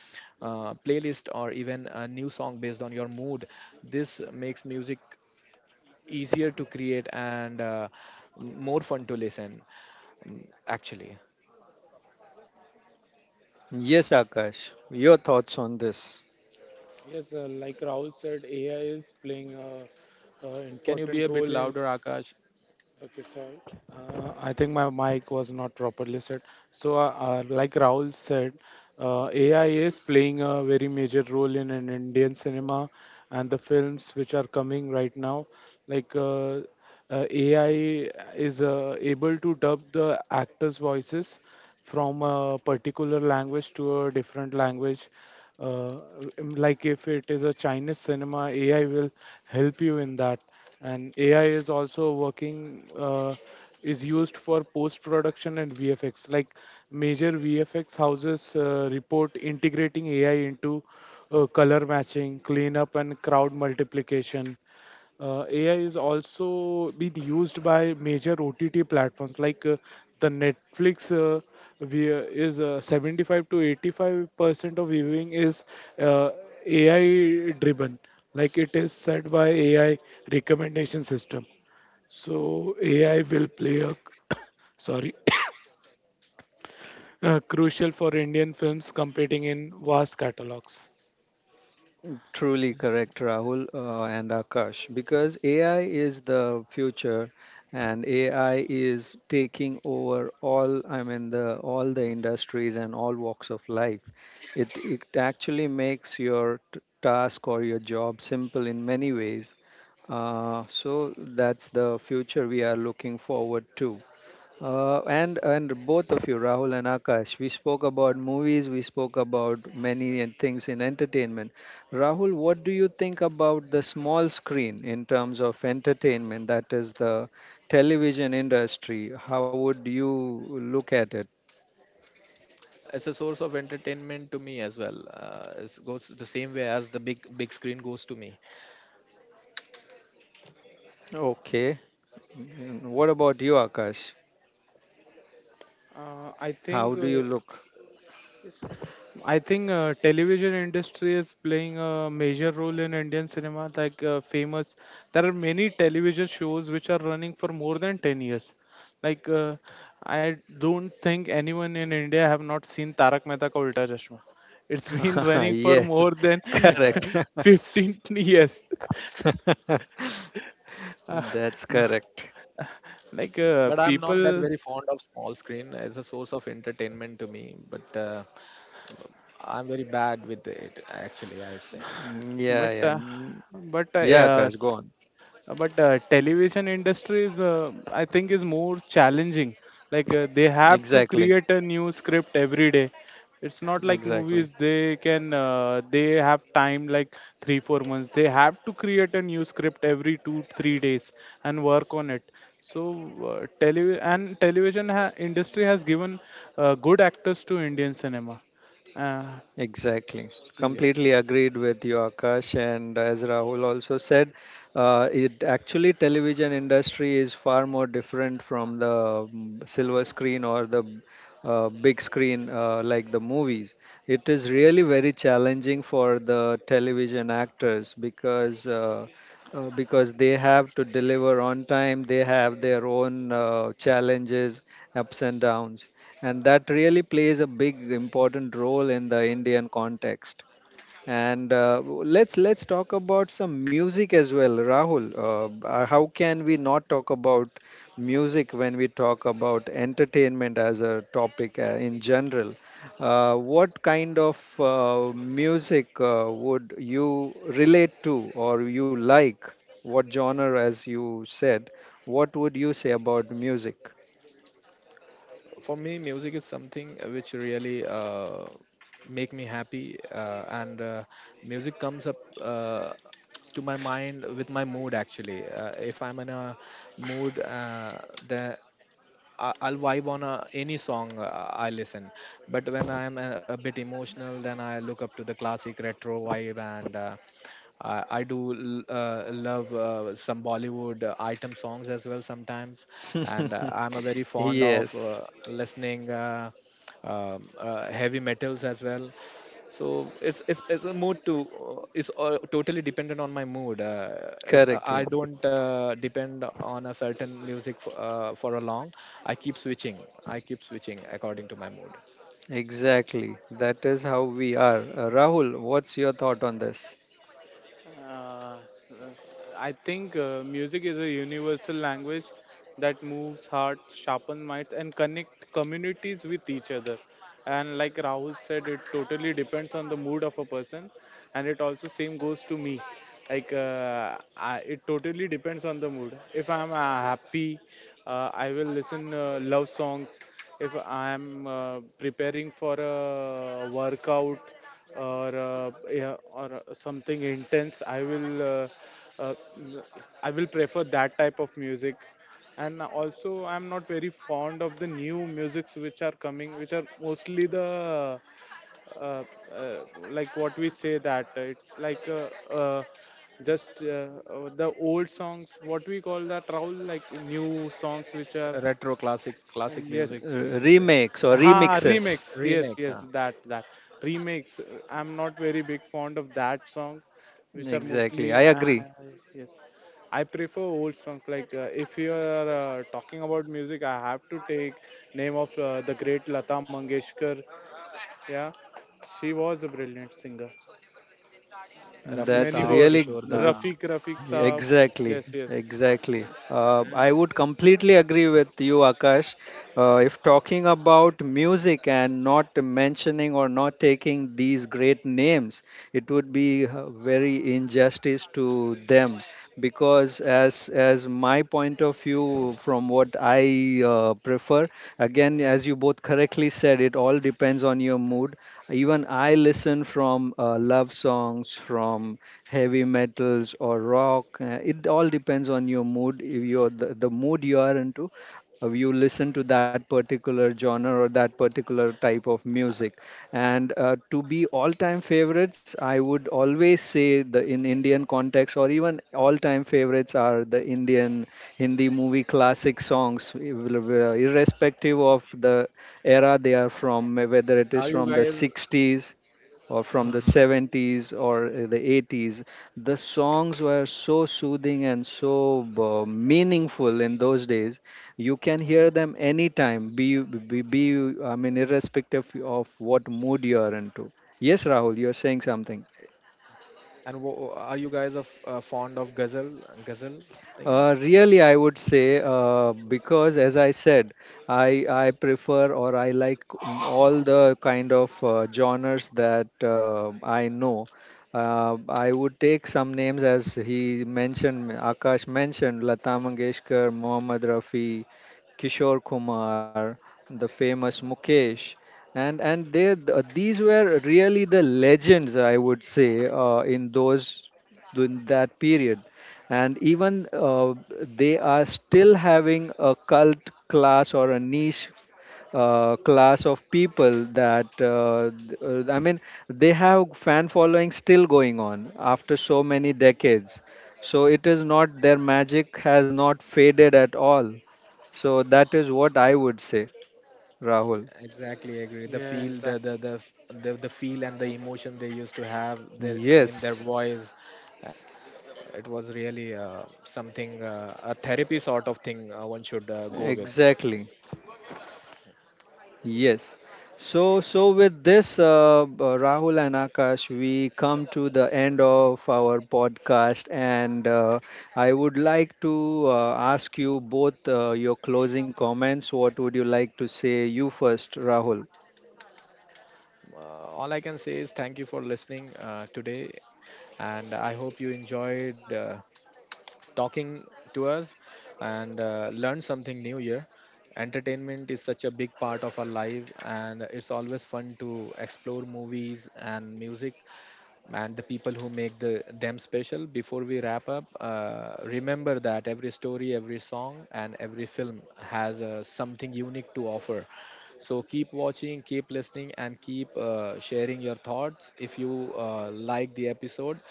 Speaker 3: uh, playlist or even a new song based on your mood. This makes music easier to create and more fun to listen. Actually,
Speaker 1: Yes, Akash, your thoughts on this?
Speaker 2: Yes, like Rahul said, AI is playing a
Speaker 3: can you be
Speaker 2: important
Speaker 3: a bit
Speaker 2: role in.
Speaker 3: louder, Akash?
Speaker 2: Okay, sorry. I think my mic was not properly set. So, like Rahul said, AI is playing a very major role in Indian cinema and the films which are coming right now. Like uh, AI is able to dub the actors' voices from a particular language to a different language, uh, like if it is a Chinese cinema, AI will help you in that. And AI is also working, uh, is used for post production and VFX. Like major VFX houses report integrating AI into color matching, cleanup, and crowd multiplication. AI is also being used by major OTT platforms like the Netflix. We, is 75 to 85% of viewing is uh, AI driven, like it is said, by AI recommendation system. So AI will play a sorry crucial for Indian films competing in vast catalogs.
Speaker 1: Truly correct, Rahul and Akash, because AI is the future and AI is taking over all, I mean, the all the industries and all walks of life. It actually makes your task or your job simple in many ways. So that's the future we are looking forward to. And both of you, Rahul and Akash, we spoke about movies, we spoke about many and things in entertainment. Rahul, what do you think about the small screen in terms of entertainment, that is the television industry? How would you look at it?
Speaker 3: It's a source of entertainment to me as well. It goes the same way as the big big screen goes to me.
Speaker 1: Okay. Mm, what about you, Akash?
Speaker 2: I
Speaker 1: How
Speaker 2: think.
Speaker 1: do you look?
Speaker 2: I think television industry is playing a major role in Indian cinema. There are many television shows which are running for more than 10 years. Like I don't think anyone in India have not seen Tarak Mehta Ka Ulta Chashma. It's been running for more
Speaker 1: Yes,
Speaker 2: than
Speaker 1: correct.
Speaker 3: Uh,
Speaker 2: 15 years.
Speaker 1: That's correct.
Speaker 2: Like
Speaker 3: but I'm not that
Speaker 2: people,
Speaker 3: very fond of small screen. It's a source of entertainment to me, but I'm very bad with it. Actually, I would say
Speaker 1: Mm, yeah,
Speaker 2: but
Speaker 1: yeah.
Speaker 2: uh,
Speaker 1: Mm,
Speaker 2: but
Speaker 1: yeah, Akash, go
Speaker 2: Yes.
Speaker 1: on.
Speaker 2: But Television industry is, I think, is more challenging. Like they have to
Speaker 1: Exactly.
Speaker 2: create a new script every day. It's not like
Speaker 1: Exactly,
Speaker 2: movies, they can they have time like 3 4 months. They have to create a new script every 2 3 days and work on it. So tele- and television industry has given good actors to Indian cinema. uh,
Speaker 1: exactly.
Speaker 2: so yes.
Speaker 1: Completely agreed with you, Akash. And as Rahul also said, it actually television industry is far more different from the mm, silver screen or the big screen like the movies. It is really very challenging for the television actors because they have to deliver on time, they have their own challenges, ups and downs. And that really plays a big important role in the Indian context. And let's talk about some music as well, Rahul. How can we not talk about music when we talk about entertainment as a topic in general? What kind of music would you relate to or you like? What genre, as you said, what would you say about music?
Speaker 3: for me, music is something which really. Make me happy and music comes up to my mind with my mood. Actually, if I'm in a mood, the I- I'll vibe on a, any song I listen. But when I am a bit emotional, then I look up to the classic retro vibe, and I love some Bollywood item songs as well sometimes. And I'm a very fond of
Speaker 1: Yes.
Speaker 3: listening heavy metals as well. So it's a mood to is totally dependent on my mood. Is I
Speaker 1: Correctly.
Speaker 3: don't depend on a certain music for a long. I keep switching i keep switching according to my mood.
Speaker 1: Exactly. That is how we are. Rahul, what's your thought on this?
Speaker 2: Uh, s- I think music is a universal language that moves heart, sharpens minds, and connect communities with each other. And like Rahul said, it totally depends on the mood of a person, and it also same goes to me. Like I, it totally depends on the mood. If I'm happy, I will listen love songs. If I'm preparing for a workout or yeah, or something intense, I will uh, I will prefer that type of music. And also I'm not very fond of the new musics which are coming, which are mostly the uh, uh, like what we say that it's like just the old songs, what we call that, Raul, like new songs which are
Speaker 3: Retro classic, classic music,
Speaker 1: R-
Speaker 2: yes.
Speaker 3: you could say.
Speaker 1: Remakes or
Speaker 2: Ha,
Speaker 1: remixes?
Speaker 2: remix.
Speaker 3: Remakes,
Speaker 2: Yes,
Speaker 3: huh?
Speaker 2: yes, that that remix. I'm not very big fond of that songs, which are mostly
Speaker 1: Exactly. I agree.
Speaker 2: yes. I prefer old songs. Like if you are talking about music, I have to take name of the great Lata Mangeshkar. Yeah, she was a brilliant singer, and
Speaker 3: Rafi
Speaker 1: That's
Speaker 2: many
Speaker 3: Saab,
Speaker 2: more.
Speaker 1: really
Speaker 3: Kishore
Speaker 1: r-
Speaker 3: Da.
Speaker 2: Rafiq, Rafiq Saab.
Speaker 1: exactly,
Speaker 2: Yes, yes,
Speaker 1: exactly. I
Speaker 2: and
Speaker 1: would completely agree with you, Akash. If talking about music and not mentioning or not taking these great names, it would be very injustice to them, because as my point of view from what I prefer, again, as you both correctly said, it all depends on your mood. Even I listen from love songs, from heavy metals or rock. It all depends on your mood. If you're the mood you are into, you listen to that particular genre or that particular type of music. And to be all-time favorites, I would always say the in Indian context or even all-time favorites are the Indian Hindi movie classic songs, irrespective of the era they are from, whether it
Speaker 3: Are
Speaker 1: is
Speaker 3: you
Speaker 1: from the
Speaker 3: guys,
Speaker 1: 60s or from the
Speaker 3: uh
Speaker 1: 70s or the 80s. The songs were so soothing and so meaningful in those days. You can hear them anytime, be, you- I mean, irrespective of what mood you are into. Yes, Rahul, you're saying something.
Speaker 3: are you guys of fond of ghazal? Ghazal thing.
Speaker 1: Really, I would say because, as I said, I prefer or I like all the kind of genres that I know. I would take some names as he mentioned, Akash mentioned: Lata Mangeshkar, Mohammad Rafi, Kishore Kumar, the famous Mukesh. These were really the legends, I would say, in that period. And even they are still having a cult class or a niche class of people that I mean, they have fan following still going on after so many decades. So it is not, their magic has not faded at all. So that is what I would say, Rahul.
Speaker 3: Exactly, agree. The
Speaker 2: yeah,
Speaker 3: feel,
Speaker 2: exactly.
Speaker 3: the feel and the emotion they used to have their in their
Speaker 1: Yes,
Speaker 3: voice, uh, it was really something a therapy sort of thing one should go with.
Speaker 1: exactly. Yes. So, so with this, Rahul and Akash, we come to the end of our podcast. And I would like to ask you both your closing comments. What would you like to say? You first, Rahul.
Speaker 3: Uh, all I can say is thank you for listening today, and I hope you enjoyed talking to us and learned something new here. Entertainment is such a big part of our life, and it's always fun to explore movies and music and the people who make them special. Before we wrap up, remember that every story, every song, and every film has something unique to offer. So keep watching, keep listening, and keep sharing your thoughts. If you like the episode,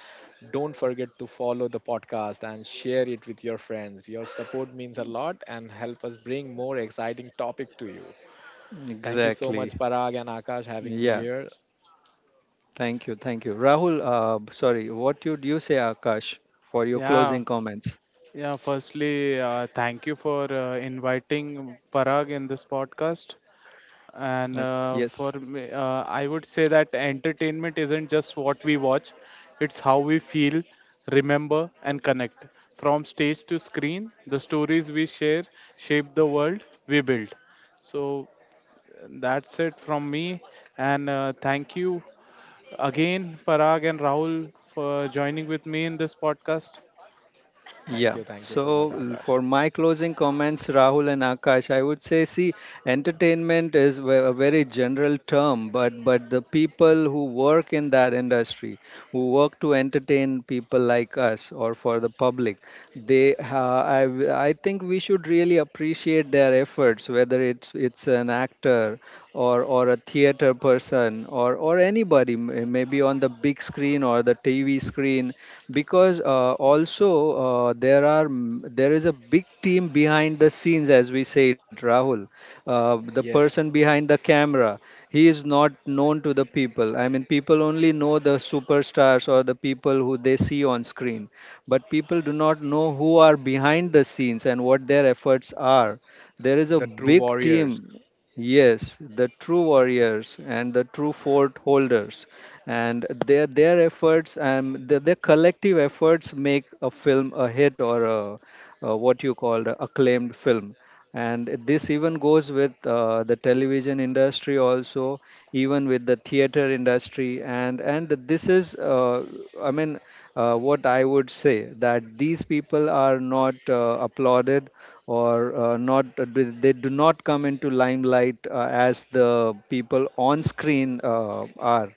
Speaker 3: don't forget to follow the podcast and share it with your friends. Your support means a lot and help us bring more exciting topic to you. Thank you so
Speaker 1: Exactly.
Speaker 3: much, Parag and Akash, having me
Speaker 1: Yeah.
Speaker 3: here.
Speaker 1: Thank you. Thank you, Rahul. Sorry. What would you say, Akash, for your
Speaker 2: Yeah.
Speaker 1: closing comments?
Speaker 2: Yeah, firstly, thank you for inviting Parag in this podcast. And
Speaker 1: Okay. Yes.
Speaker 2: for me, I would say that entertainment isn't just what we watch, it's how we feel, remember, and connect. From stage to screen, the stories we share shape the world we build. So that's it from me. And thank you again, Parag and Rahul, for joining with me in this podcast.
Speaker 3: Thank
Speaker 1: Yeah.
Speaker 3: you, thank you so much, Akash.
Speaker 1: For my closing comments, Rahul and Akash, I would say, see, entertainment is a very general term, but the people who work in that industry, who work to entertain people like us or for the public, they, ha I, w- I think we should really appreciate their efforts, whether it's an actor or a theater person or anybody, maybe on the big screen or the TV screen, because also there is a big team behind the scenes, as we say it, Rahul. The
Speaker 3: Yes,
Speaker 1: person behind the camera, he is not known to the people. I mean, people only know the superstars or the people who they see on screen, but people do not know who are behind the scenes and what their efforts are. There is
Speaker 3: the
Speaker 1: a
Speaker 3: true
Speaker 1: big
Speaker 3: warriors.
Speaker 1: team. Yes, the true warriors and the true fort holders, and their efforts and their collective efforts make a film a hit or a what you call a acclaimed film. And this even goes with the television industry also, even with the theater industry. And this is I mean, what I would say, that these people are not applauded or not do- they do not come into limelight as the people on screen are.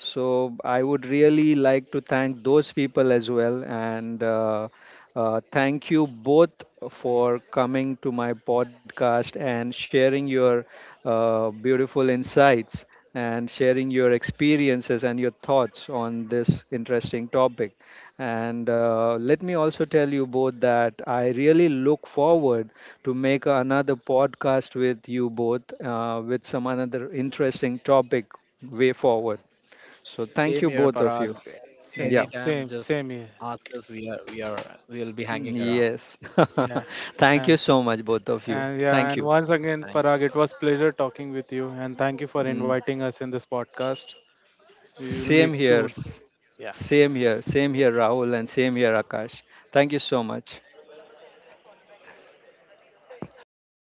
Speaker 1: So I would really like to thank those people as well. And thank you both for coming to my podcast and sharing your beautiful insights and sharing your experiences and your thoughts on this interesting topic. And let me also tell you both that I really look forward to make another podcast with you both with some another interesting topic way forward. So
Speaker 3: Same
Speaker 1: thank you
Speaker 3: here,
Speaker 1: both of
Speaker 3: Parag.
Speaker 1: you. Yeah.
Speaker 2: Same,
Speaker 3: Anytime,
Speaker 2: same,
Speaker 3: just
Speaker 2: same here.
Speaker 3: ask us. We'll be hanging
Speaker 1: Mm,
Speaker 3: around.
Speaker 1: yes.
Speaker 2: Yeah,
Speaker 1: Thank you
Speaker 2: and
Speaker 1: so much both of you.
Speaker 2: and yeah,
Speaker 1: Thank
Speaker 2: and
Speaker 1: you.
Speaker 2: once again,
Speaker 3: Thank you
Speaker 2: Parag,
Speaker 3: so
Speaker 2: it
Speaker 3: much.
Speaker 2: was pleasure talking with you, and thank you for
Speaker 1: Mm.
Speaker 2: inviting us in this podcast. We will
Speaker 1: Same
Speaker 2: meet
Speaker 1: here.
Speaker 2: soon.
Speaker 1: Same here. Same here, Rahul, and same here, Akash. Thank you so much.